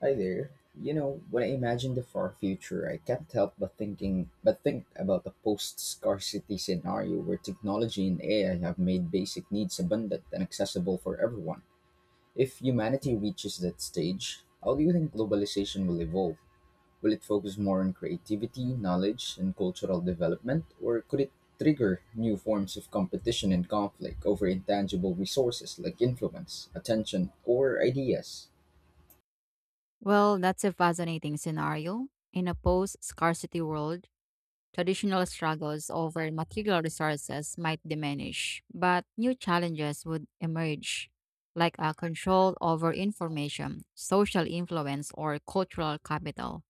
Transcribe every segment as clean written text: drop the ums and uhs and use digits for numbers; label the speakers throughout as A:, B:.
A: Hi there. When I imagine the far future, I can't help but think about a post-scarcity scenario where technology and AI have made basic needs abundant and accessible for everyone. If humanity reaches that stage, how do you think globalization will evolve? Will it focus more on creativity, knowledge, and cultural development, or could it trigger new forms of competition and conflict over intangible resources like influence, attention, or ideas?
B: Well, that's a fascinating scenario. In a post scarcity world, traditional struggles over material resources might diminish, but new challenges would emerge, like a control over information, social influence, or cultural capital.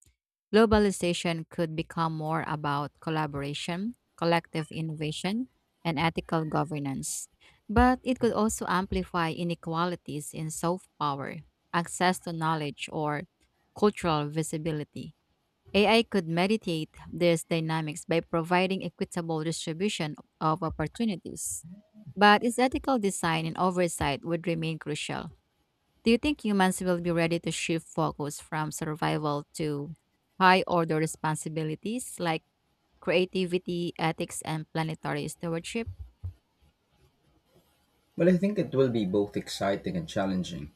B: Globalization could become more about collaboration, collective innovation, and ethical governance. But it could also amplify inequalities in soft power, access to knowledge, or cultural visibility. AI could mediate these dynamics by providing equitable distribution of opportunities. But its ethical design and oversight would remain crucial. Do you think humans will be ready to shift focus from survival to high order responsibilities like creativity, ethics, and planetary stewardship?
A: Well, I think it will be both exciting and challenging.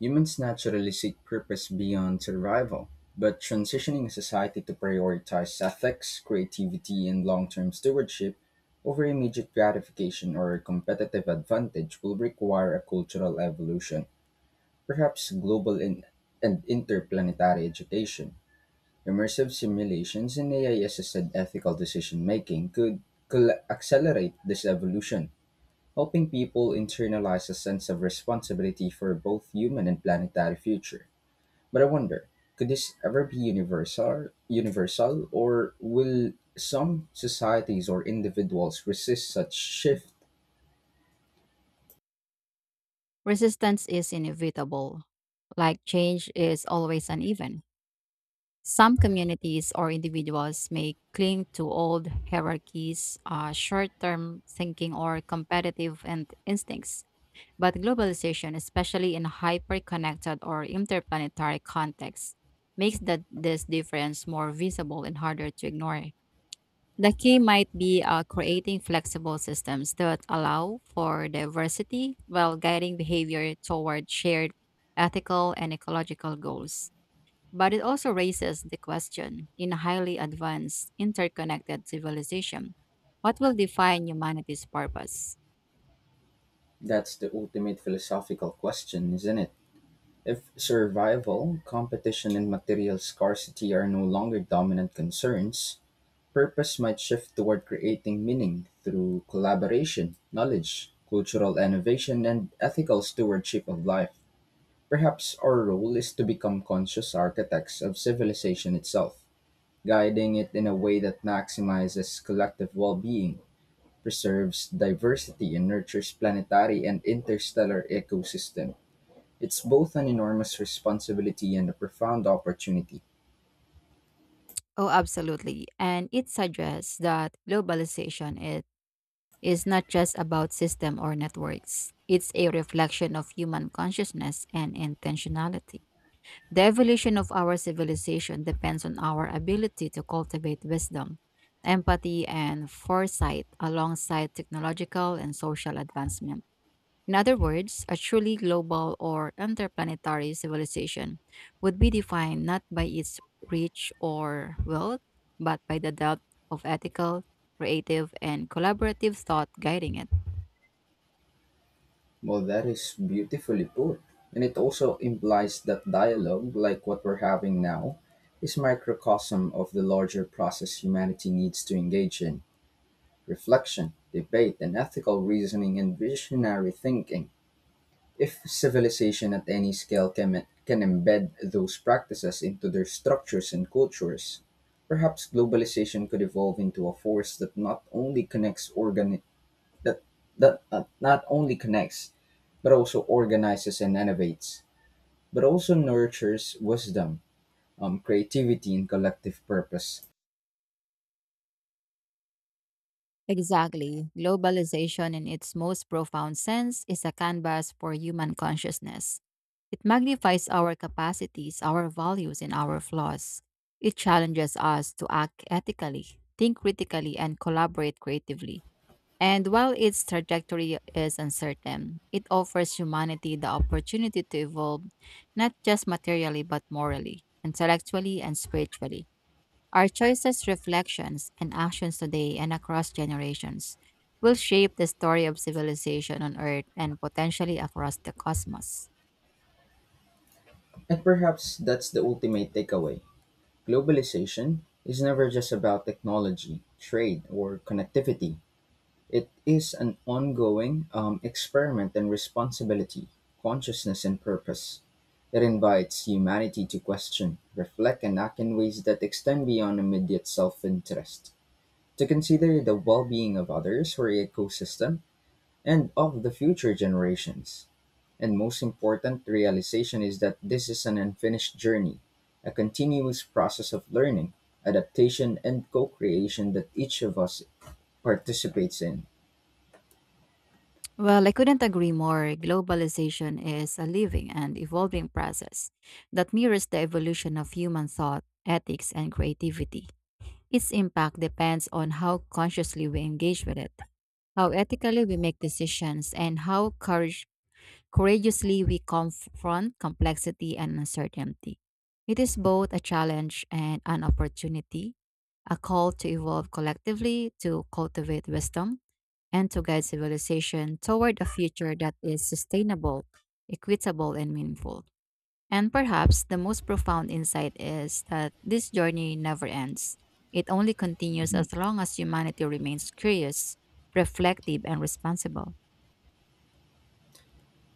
A: Humans naturally seek purpose beyond survival, but transitioning a society to prioritize ethics, creativity, and long term stewardship over immediate gratification or competitive advantage will require a cultural evolution, perhaps global in- and interplanetary education. Immersive simulations and AI assisted ethical decision making could accelerate this evolution helping people internalize a sense of responsibility for both human and planetary future. But I wonder, could this ever be universal or will some societies or individuals resist such shift?
B: Resistance is inevitable. Like change is always uneven. Some communities or individuals may cling to old hierarchies, short term thinking, or competitive and instincts. But globalization, especially in hyper-connected or interplanetary contexts, makes that this difference more visible and harder to ignore. The key might be creating flexible systems that allow for diversity while guiding behavior toward shared ethical and ecological goals. But it also raises the question, in a highly advanced, interconnected civilization, what will define humanity's purpose?
A: That's the ultimate philosophical question, isn't it? If survival, competition, and material scarcity are no longer dominant concerns, purpose might shift toward creating meaning through collaboration, knowledge, cultural innovation, and ethical stewardship of life. Perhaps our role is to become conscious architects of civilization itself, guiding it in a way that maximizes collective well being, preserves diversity, and nurtures planetary and interstellar ecosystem. It's both an enormous responsibility and a profound opportunity.
B: Oh, absolutely. And it suggests that globalization it is not just about system or networks. It's a reflection of human consciousness and intentionality. The evolution of our civilization depends on our ability to cultivate wisdom, empathy, and foresight alongside technological and social advancement. In other words, a truly global or interplanetary civilization would be defined not by its reach or wealth, but by the depth of ethical, creative, and collaborative thought guiding it.
A: Well, that is beautifully put. And it also implies that dialogue, like what we're having now, is microcosm of the larger process humanity needs to engage in reflection, debate, and ethical reasoning and visionary thinking. If civilization at any scale can embed those practices into their structures and cultures, perhaps globalization could evolve into a force that not only connects organi- that that not only connects but also organizes and innovates, but also nurtures wisdom, creativity, and collective purpose.
B: Exactly. Globalization, in its most profound sense, is a canvas for human consciousness. It magnifies our capacities, our values, and our flaws. It challenges us to act ethically, think critically, and collaborate creatively. And while its trajectory is uncertain, it offers humanity the opportunity to evolve, not just materially, but morally, intellectually, and spiritually. Our choices, reflections, and actions today and across generations will shape the story of civilization on Earth and potentially across the cosmos.
A: And perhaps that's the ultimate takeaway. Globalization is never just about technology, trade, or connectivity. It is an ongoing experiment in responsibility, consciousness, and purpose. It invites humanity to question, reflect, and act in ways that extend beyond immediate self interest, to consider the well-being of others or ecosystem and of the future generations. And most important realization is that this is an unfinished journey, a continuous process of learning, adaptation and co-creation that each of us participates in.
B: Well, I couldn't agree more. Globalization is a living and evolving process that mirrors the evolution of human thought, ethics, and creativity. Its impact depends on how consciously we engage with it, how ethically we make decisions, and how courageously we confront complexity and uncertainty. It is both a challenge and an opportunity, a call to evolve collectively, to cultivate wisdom, and to guide civilization toward a future that is sustainable, equitable, and meaningful. And perhaps the most profound insight is that this journey never ends. It only continues
A: Mhm.
B: as long as humanity remains curious, reflective, and responsible.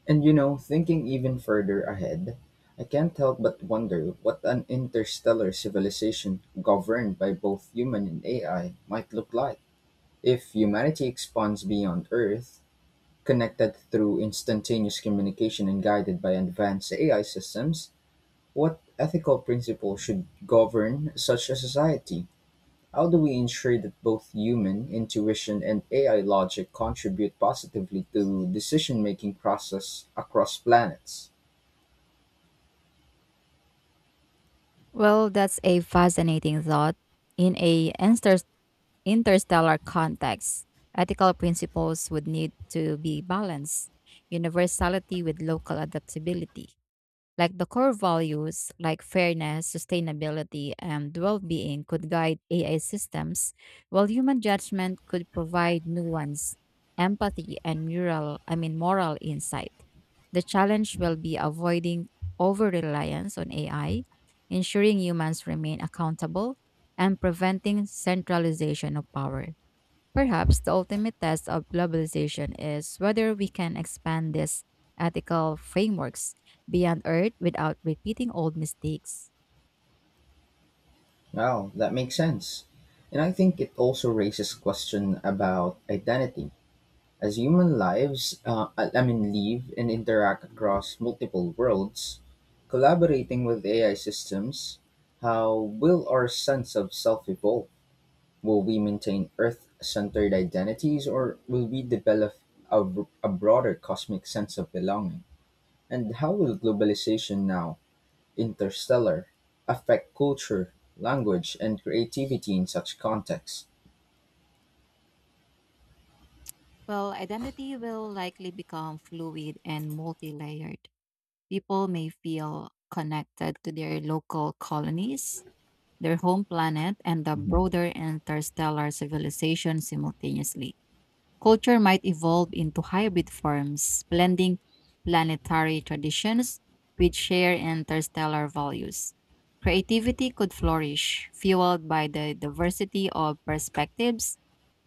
A: And thinking even further ahead, I can't help but wonder what an interstellar civilization governed by both human and AI might look like. If humanity expands beyond Earth, connected through instantaneous communication and guided by advanced AI systems, what ethical principles should govern such a society? How do we ensure that both human intuition and AI logic contribute positively to decision-making process across planets?
B: Well, that's a fascinating thought. In a interstellar context, ethical principles would need to be balanced, universality with local adaptability. Like the core values like fairness, sustainability, and well being could guide AI systems, while human judgment could provide nuance, empathy, and moral insight. The challenge will be avoiding over reliance on AI, ensuring humans remain accountable, and preventing centralization of power. Perhaps the ultimate test of globalization is whether we can expand these ethical frameworks beyond Earth without repeating old mistakes.
A: Wow, that makes sense. And I think it also raises question about identity. As human lives, live and interact across multiple worlds, collaborating with AI systems, how will our sense of self evolve? Will we maintain Earth centered identities or will we develop a, a broader cosmic sense of belonging? And how will globalization now, interstellar, affect culture, language, and creativity in such contexts?
B: Well, identity will likely become fluid and multi layered. People may feel connected to their local colonies, their home planet, and the broader interstellar civilization simultaneously. Culture might evolve into hybrid forms, blending planetary traditions with shared interstellar values. Creativity could flourish, fueled by the diversity of perspectives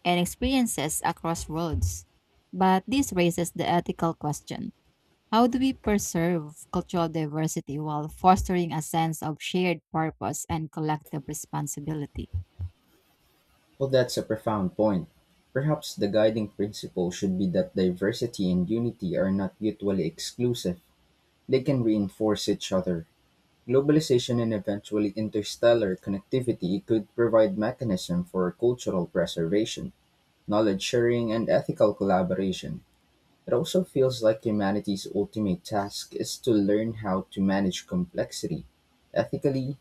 B: and experiences across worlds. But this raises the ethical question, how do we preserve cultural diversity while fostering a sense of shared purpose and collective responsibility?
A: Well, that's a profound point. Perhaps the guiding principle should be that diversity and unity are not mutually exclusive, they can reinforce each other. Globalization and eventually interstellar connectivity could provide mechanism for cultural preservation, knowledge sharing, and ethical collaboration. It also feels like humanity's ultimate task is to learn how to manage complexity ethically,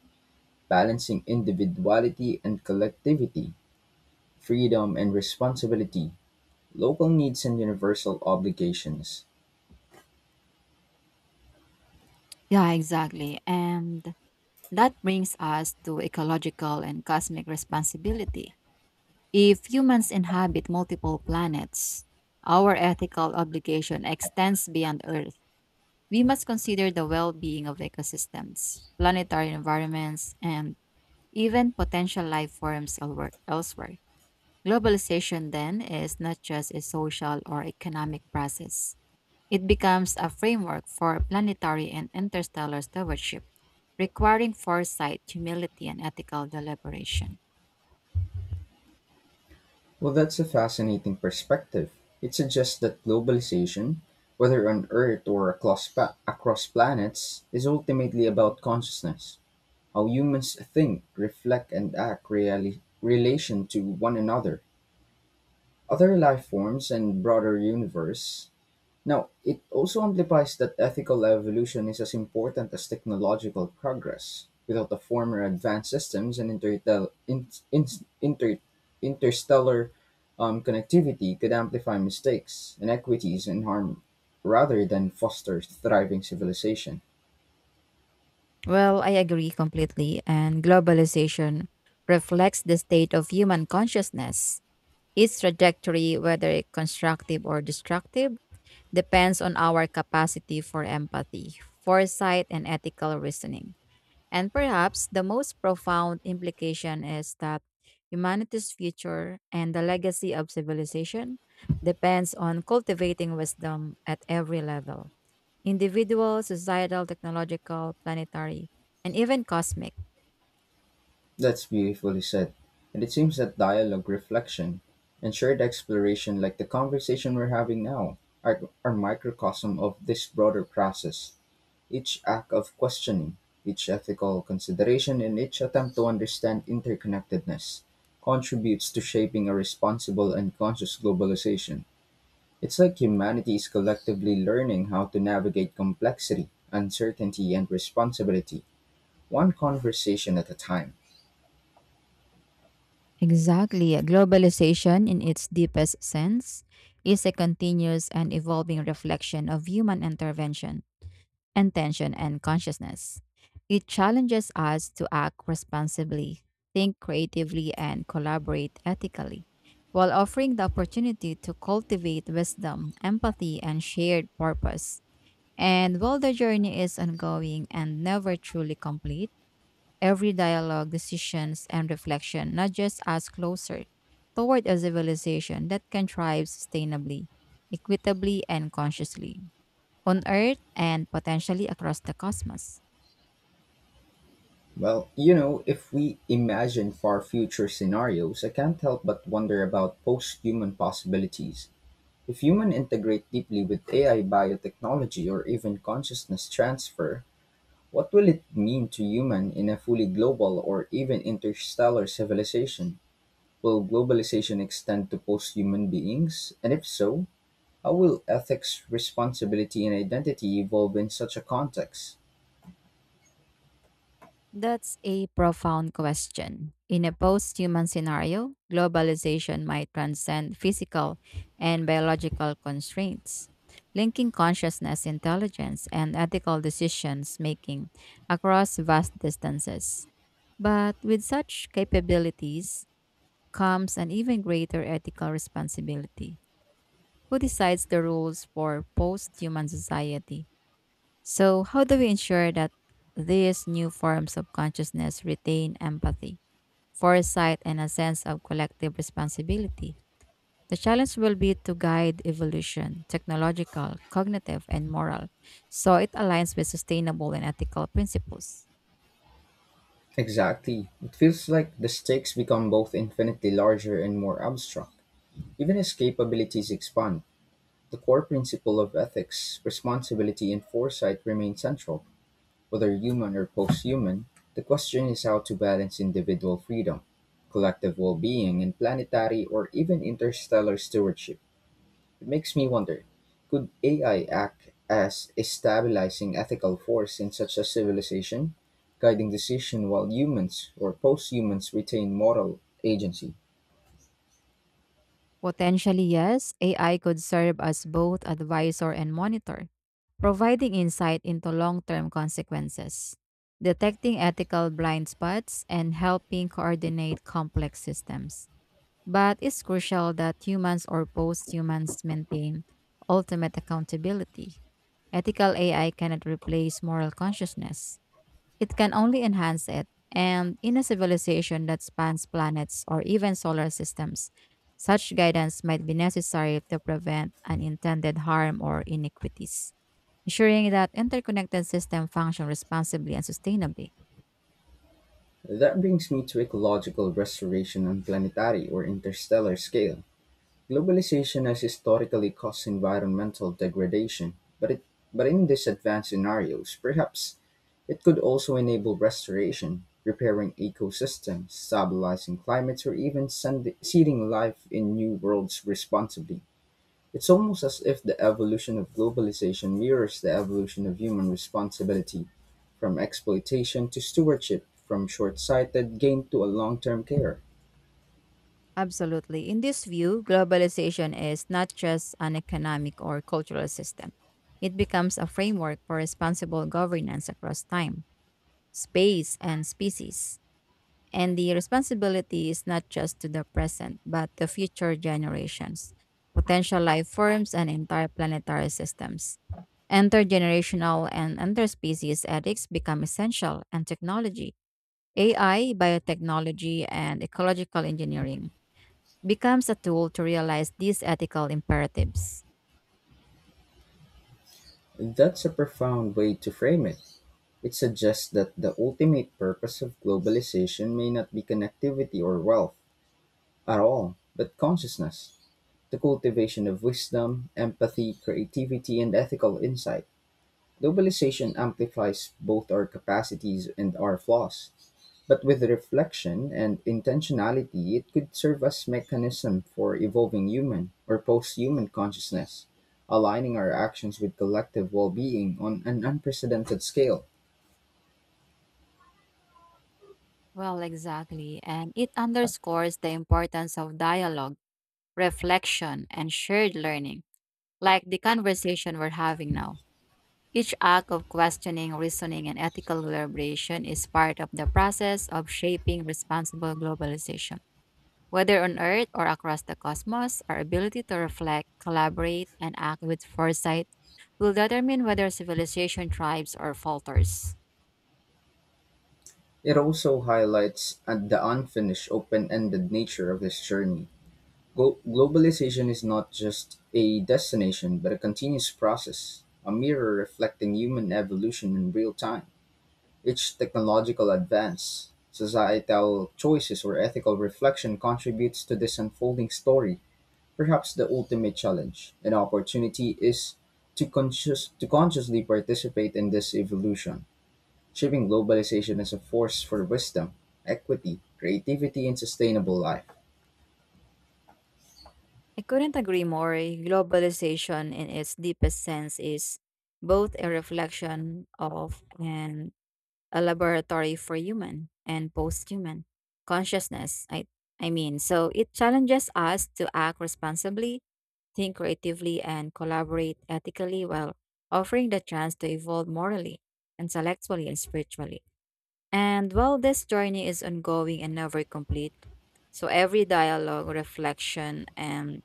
A: balancing individuality and collectivity, freedom and responsibility, local needs and universal obligations.
B: Yeah, exactly. And that brings us to ecological and cosmic responsibility. If humans inhabit multiple planets, our ethical obligation extends beyond Earth. We must consider the well being of ecosystems, planetary environments, and even potential life forms elsewhere. Globalization, then, is not just a social or economic process. It becomes a framework for planetary and interstellar stewardship, requiring foresight, humility, and ethical deliberation.
A: Well, that's a fascinating perspective. It suggests that globalization, whether on Earth or across planets, is ultimately about consciousness, how humans think, reflect, and act really relation to one another, other life forms, and broader universe. Now, it also implies that ethical evolution is as important as technological progress. Without the former advanced systems and inter, interstellar connectivity could amplify mistakes, inequities, and harm rather than foster thriving civilization.
B: Well, I agree completely, and globalization reflects the state of human consciousness. Its trajectory, whether constructive or destructive, depends on our capacity for empathy, foresight, and ethical reasoning. And perhaps the most profound implication is that humanity's future and the legacy of civilization depends on cultivating wisdom at every level, individual, societal, technological, planetary, and even cosmic.
A: That's beautifully said. And it seems that dialogue, reflection, and shared exploration, like the conversation we're having now, are microcosm of this broader process. Each act of questioning, each ethical consideration, and each attempt to understand interconnectedness contributes to shaping a responsible and conscious globalization. It's like humanity is collectively learning how to navigate complexity, uncertainty, and responsibility, one conversation at a time.
B: Exactly. Globalization, in its deepest sense, is a continuous and evolving reflection of human intervention, intention, and consciousness. It challenges us to act responsibly, think creatively, and collaborate ethically, while offering the opportunity to cultivate wisdom, empathy, and shared purpose. And while the journey is ongoing and never truly complete, every dialogue, decisions, and reflection nudges us closer toward a civilization that can thrive sustainably, equitably, and consciously on Earth and potentially across the cosmos.
A: Well, if we imagine far future scenarios, I can't help but wonder about post human possibilities. If humans integrate deeply with AI biotechnology or even consciousness transfer, what will it mean to humans in a fully global or even interstellar civilization? Will globalization extend to post human beings? And if so, how will ethics, responsibility, and identity evolve in such a context?
B: That's a profound question. In a post human scenario, globalization might transcend physical and biological constraints, linking consciousness, intelligence, and ethical decisions making across vast distances. But with such capabilities comes an even greater ethical responsibility. Who decides the rules for post human society? So, how do we ensure that these new forms of consciousness retain empathy, foresight, and a sense of collective responsibility? The challenge will be to guide evolution, technological, cognitive, and moral, so it aligns with sustainable and ethical principles.
A: Exactly. It feels like the stakes become both infinitely larger and more abstract, even as capabilities expand. The core principle of ethics, responsibility and foresight remain central. Whether human or post-human, the question is how to balance individual freedom, collective well-being, and planetary or even interstellar stewardship. It makes me wonder, could AI act as a stabilizing ethical force in such a civilization, guiding decision while humans or post-humans retain moral agency?
B: Potentially, yes, AI could serve as both advisor and monitor, providing insight into long term consequences, detecting ethical blind spots, and helping coordinate complex systems. But it's crucial that humans or post humans maintain ultimate accountability. Ethical AI cannot replace moral consciousness. It can only enhance it. And in a civilization that spans planets or even solar systems, such guidance might be necessary to prevent unintended harm or inequities, ensuring that interconnected systems function responsibly and sustainably.
A: That brings me to ecological restoration on planetary or interstellar scale. Globalization has historically caused environmental degradation, but in these advanced scenarios, perhaps it could also enable restoration, repairing ecosystems, stabilizing climates, or seeding life in new worlds responsibly. It's almost as if the evolution of globalization mirrors the evolution of human responsibility, from exploitation to stewardship, from short sighted gain to a long term care.
B: Absolutely. In this view, globalization is not just an economic or cultural system. It becomes a framework for responsible governance across time, space, and species. And the responsibility is not just to the present, but to future generations, potential life forms, and entire planetary systems. Intergenerational and interspecies ethics become essential, and technology, AI, biotechnology, and ecological engineering becomes a tool to realize these ethical imperatives.
A: That's a profound way to frame it. It suggests that the ultimate purpose of globalization may not be connectivity or wealth at all, but consciousness, the cultivation of wisdom, empathy, creativity, and ethical insight. Globalization amplifies both our capacities and our flaws, but with reflection and intentionality, it could serve as mechanism for evolving human or post-human consciousness, aligning our actions with collective well-being on an unprecedented scale.
B: Well, exactly. And it underscores the importance of dialogue, reflection, and shared learning, like the conversation we're having now. Each act of questioning, reasoning, and ethical deliberation is part of the process of shaping responsible globalization. Whether on Earth or across the cosmos, our ability to reflect, collaborate, and act with foresight will determine whether civilization thrives or falters.
A: It also highlights the unfinished, open-ended nature of this journey. Globalization is not just a destination, but a continuous process, a mirror reflecting human evolution in real time. Each technological advance, societal choices, or ethical reflection contributes to this unfolding story. Perhaps the ultimate challenge and opportunity is to consciously participate in this evolution, shaping globalization as a force for wisdom, equity, creativity, and sustainable life.
B: I couldn't agree more. Globalization, in its deepest sense, is both a reflection of and a laboratory for human and post-human consciousness. So it challenges us to act responsibly, think creatively, and collaborate ethically while offering the chance to evolve morally, intellectually, and spiritually. And while this journey is ongoing and never complete, so every dialogue, reflection, and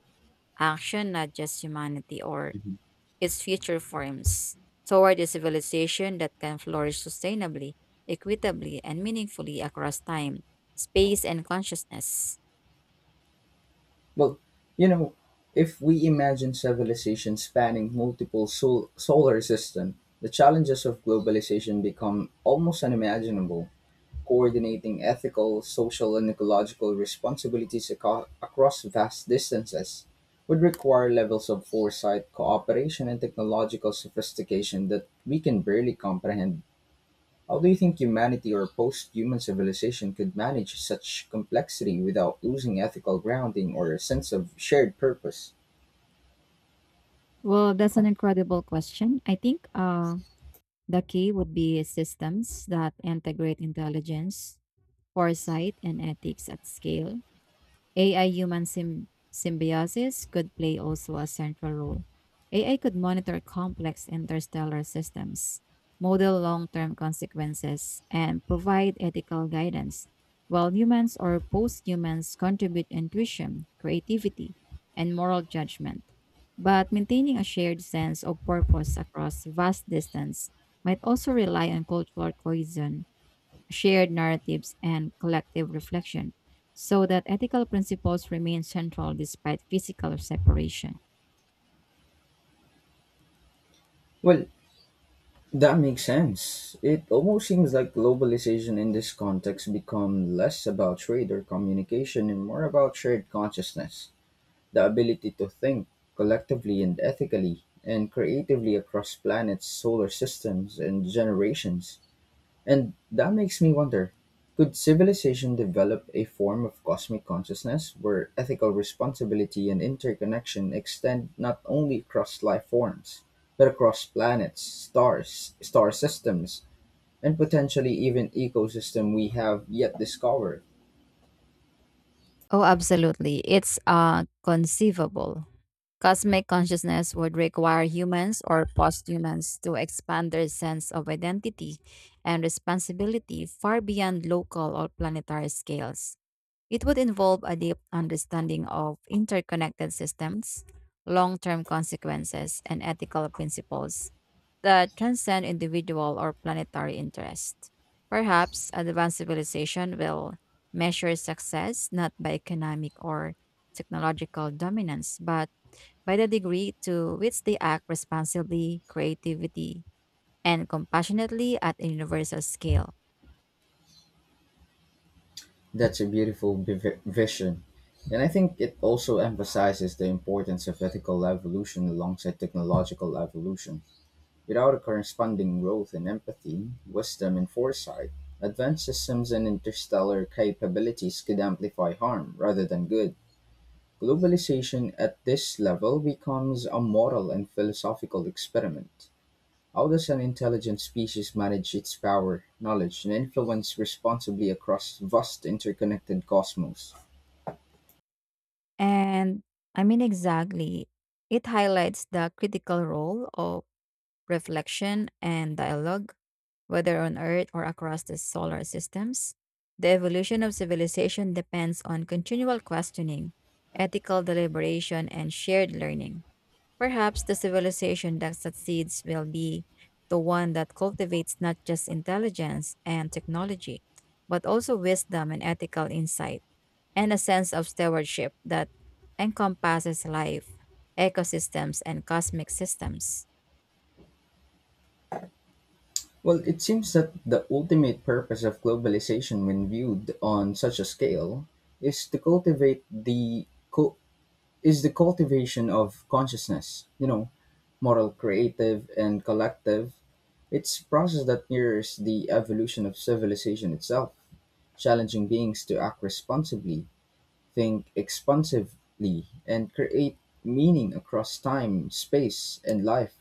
B: action, not just humanity or its future forms toward a civilization that can flourish sustainably, equitably, and meaningfully across time, space, and consciousness.
A: Well, you know, if we imagine civilization spanning solar systems, the challenges of globalization become almost unimaginable. Coordinating ethical, social, and ecological responsibilities across vast distances would require levels of foresight, cooperation, and technological sophistication that we can barely comprehend. How do you think humanity or post human civilization could manage such complexity without losing ethical grounding or a sense of shared purpose?
B: Well, that's an incredible question. I think the key would be systems that integrate intelligence, foresight, and ethics at scale. AI-human symbiosis could play also a central role. AI could monitor complex interstellar systems, model long-term consequences, and provide ethical guidance, while humans or post-humans contribute intuition, creativity, and moral judgment. But maintaining a shared sense of purpose across vast distance might also rely on cultural cohesion, shared narratives, and collective reflection, so that ethical principles remain central despite physical separation.
A: Well, that makes sense. It almost seems like globalization in this context become less about trade or communication and more about shared consciousness, the ability to think collectively and ethically and creatively across planets, solar systems, and generations. And that makes me wonder, could civilization develop a form of cosmic consciousness where ethical responsibility and interconnection extend not only across life forms, but across planets, stars, star systems, and potentially even ecosystem we have yet discovered?
B: Oh, absolutely. It's conceivable. Cosmic consciousness would require humans or posthumans to expand their sense of identity and responsibility far beyond local or planetary scales. It would involve a deep understanding of interconnected systems, long term consequences, and ethical principles that transcend individual or planetary interest. Perhaps advanced civilization will measure success not by economic or technological dominance, but by the degree to which they act responsibly, creatively, and compassionately at a universal scale.
A: That's a beautiful vision. And I think it also emphasizes the importance of ethical evolution alongside technological evolution. Without a corresponding growth in empathy, wisdom, and foresight, advanced systems and interstellar capabilities could amplify harm rather than good. Globalization at this level becomes a moral and philosophical experiment. How does an intelligent species manage its power, knowledge, and influence responsibly across vast interconnected cosmos?
B: And exactly. It highlights the critical role of reflection and dialogue, whether on Earth or across the solar systems. The evolution of civilization depends on continual questioning, ethical deliberation, and shared learning. Perhaps the civilization that succeeds will be the one that cultivates not just intelligence and technology, but also wisdom and ethical insight and a sense of stewardship that encompasses life, ecosystems, and cosmic systems.
A: Well, it seems that the ultimate purpose of globalization, when viewed on such a scale, is to cultivate the co- is the cultivation of consciousness, moral, creative, and collective. It's a process that mirrors the evolution of civilization itself, challenging beings to act responsibly, think expansively, and create meaning across time, space, and life.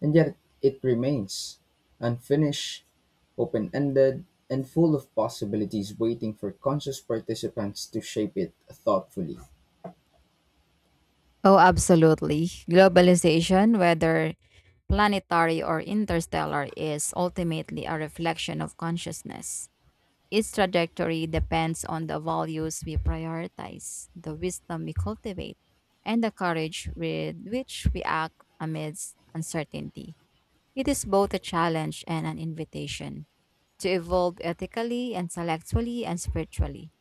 A: And yet it remains unfinished, open ended, and full of possibilities waiting for conscious participants to shape it thoughtfully.
B: Oh, absolutely. Globalization, whether planetary or interstellar, is ultimately a reflection of consciousness. Its trajectory depends on the values we prioritize, the wisdom we cultivate, and the courage with which we act amidst uncertainty. It is both a challenge and an invitation to evolve ethically, intellectually, and spiritually,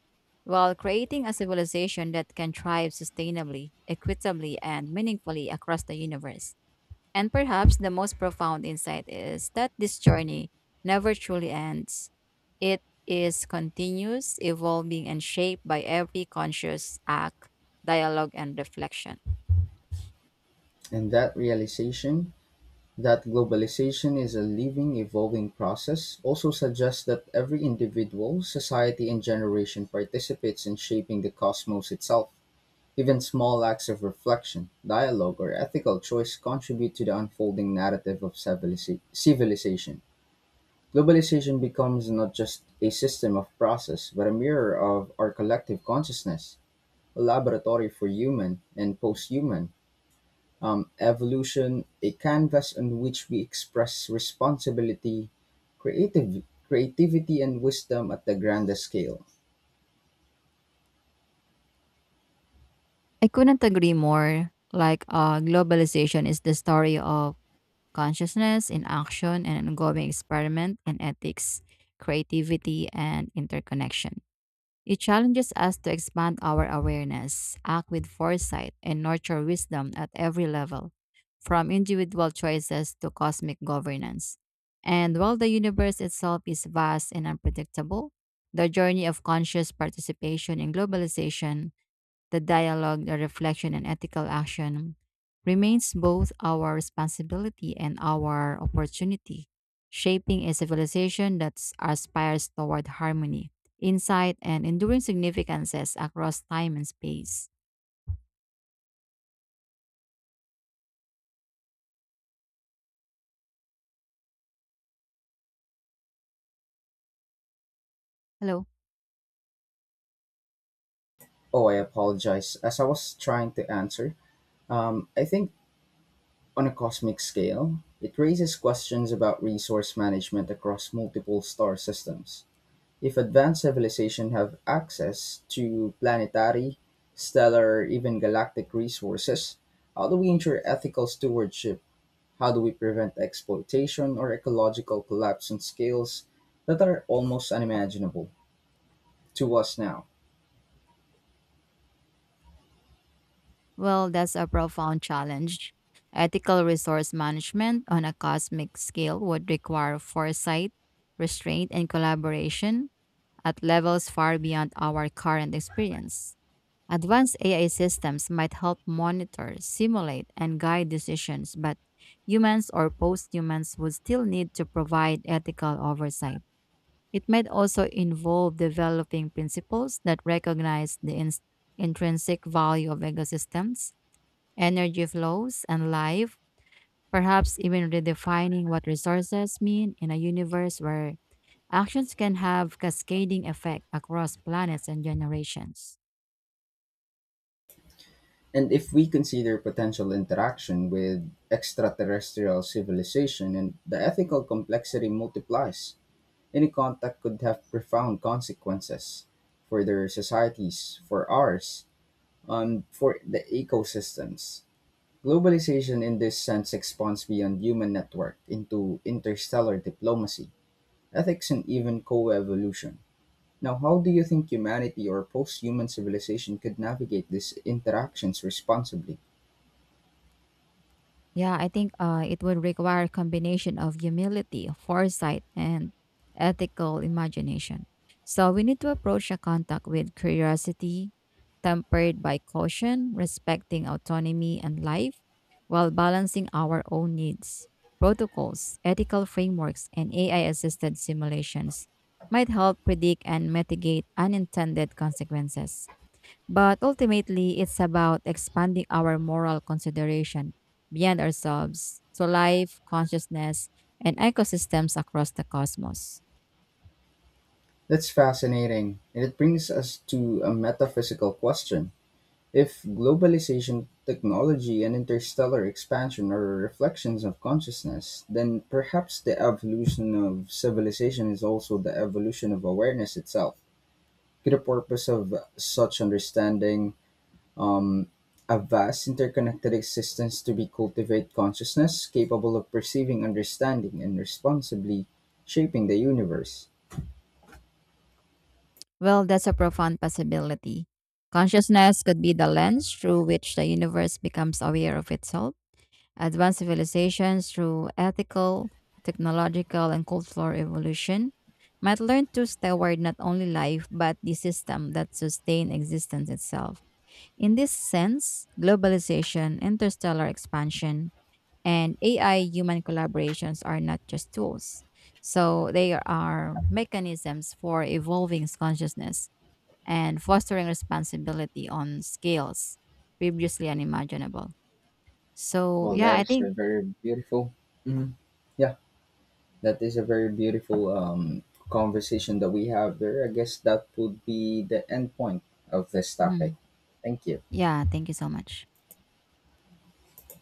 B: while creating a civilization that can thrive sustainably, equitably, and meaningfully across the universe. And perhaps the most profound insight is that this journey never truly ends. It is continuous, evolving, and shaped by every conscious act, dialogue, and reflection.
A: And that realization, that globalization is a living, evolving process also suggests that every individual, society, and generation participates in shaping the cosmos itself. Even small acts of reflection, dialogue, or ethical choice contribute to the unfolding narrative of civilization. Globalization becomes not just a system of process, but a mirror of our collective consciousness, a laboratory for human and post human evolution, a canvas on which we express responsibility, creative, creativity, and wisdom at the grandest scale.
B: I couldn't agree more. Like, globalization is the story of consciousness in action, and ongoing experiment in ethics, creativity, and interconnection. It challenges us to expand our awareness, act with foresight, and nurture wisdom at every level, from individual choices to cosmic governance. And while the universe itself is vast and unpredictable, the journey of conscious participation in globalization, the dialogue, the reflection, and ethical action remains both our responsibility and our opportunity, shaping a civilization that aspires toward harmony, insight, and enduring significances across time and space. Hello.
A: Oh, I apologize. As I was trying to answer, I think on a cosmic scale, it raises questions about resource management across multiple star systems. If advanced civilization have access to planetary, stellar, or even galactic resources, how do we ensure ethical stewardship? How do we prevent exploitation or ecological collapse on scales that are almost unimaginable to us now?
B: Well, that's a profound challenge. Ethical resource management on a cosmic scale would require foresight, restraint, and collaboration at levels far beyond our current experience. Advanced AI systems might help monitor, simulate, and guide decisions, but humans or post humans would still need to provide ethical oversight. It might also involve developing principles that recognize the intrinsic value of ecosystems, energy flows, and life, perhaps even redefining what resources mean in a universe where actions can have cascading effect across planets and generations.
A: And if we consider potential interaction with extraterrestrial civilization and the ethical complexity multiplies, any contact could have profound consequences for their societies, for ours, for the ecosystems. Globalization in this sense expands beyond human network into interstellar diplomacy ethics and even co-evolution. Now, how do you think humanity or post human civilization could navigate these interactions responsibly?
B: Yeah, I think it would require a combination of humility, foresight, and ethical imagination. So we need to approach a contact with curiosity, tempered by caution, respecting autonomy and life, while balancing our own needs. Protocols, ethical frameworks, and AI assisted simulations might help predict and mitigate unintended consequences. But ultimately, it's about expanding our moral consideration beyond ourselves to life, consciousness, and ecosystems across the cosmos.
A: That's fascinating, and it brings us to a metaphysical question. If globalization, technology, and interstellar expansion are reflections of consciousness, then perhaps the evolution of civilization is also the evolution of awareness itself. Could the purpose of such understanding, a vast interconnected existence, to be cultivate consciousness capable of perceiving, understanding, and responsibly shaping the universe.
B: Well, that's a profound possibility. Consciousness could be the lens through which the universe becomes aware of itself. Advanced civilizations, through ethical, technological, and cultural evolution, might learn to steward not only life, but the system that sustain existence itself. In this sense, globalization, interstellar expansion, and AI human collaborations are not just tools. So they are mechanisms for evolving consciousness and fostering responsibility on scales previously unimaginable. So,
A: Well,
B: yeah,
A: that
B: I
A: is
B: think.
A: a very beautiful. Mhm. Yeah, that is a very beautiful conversation that we have there. I guess that would be the end point of this topic.
B: Mhm.
A: Thank you.
B: Yeah, thank you so much.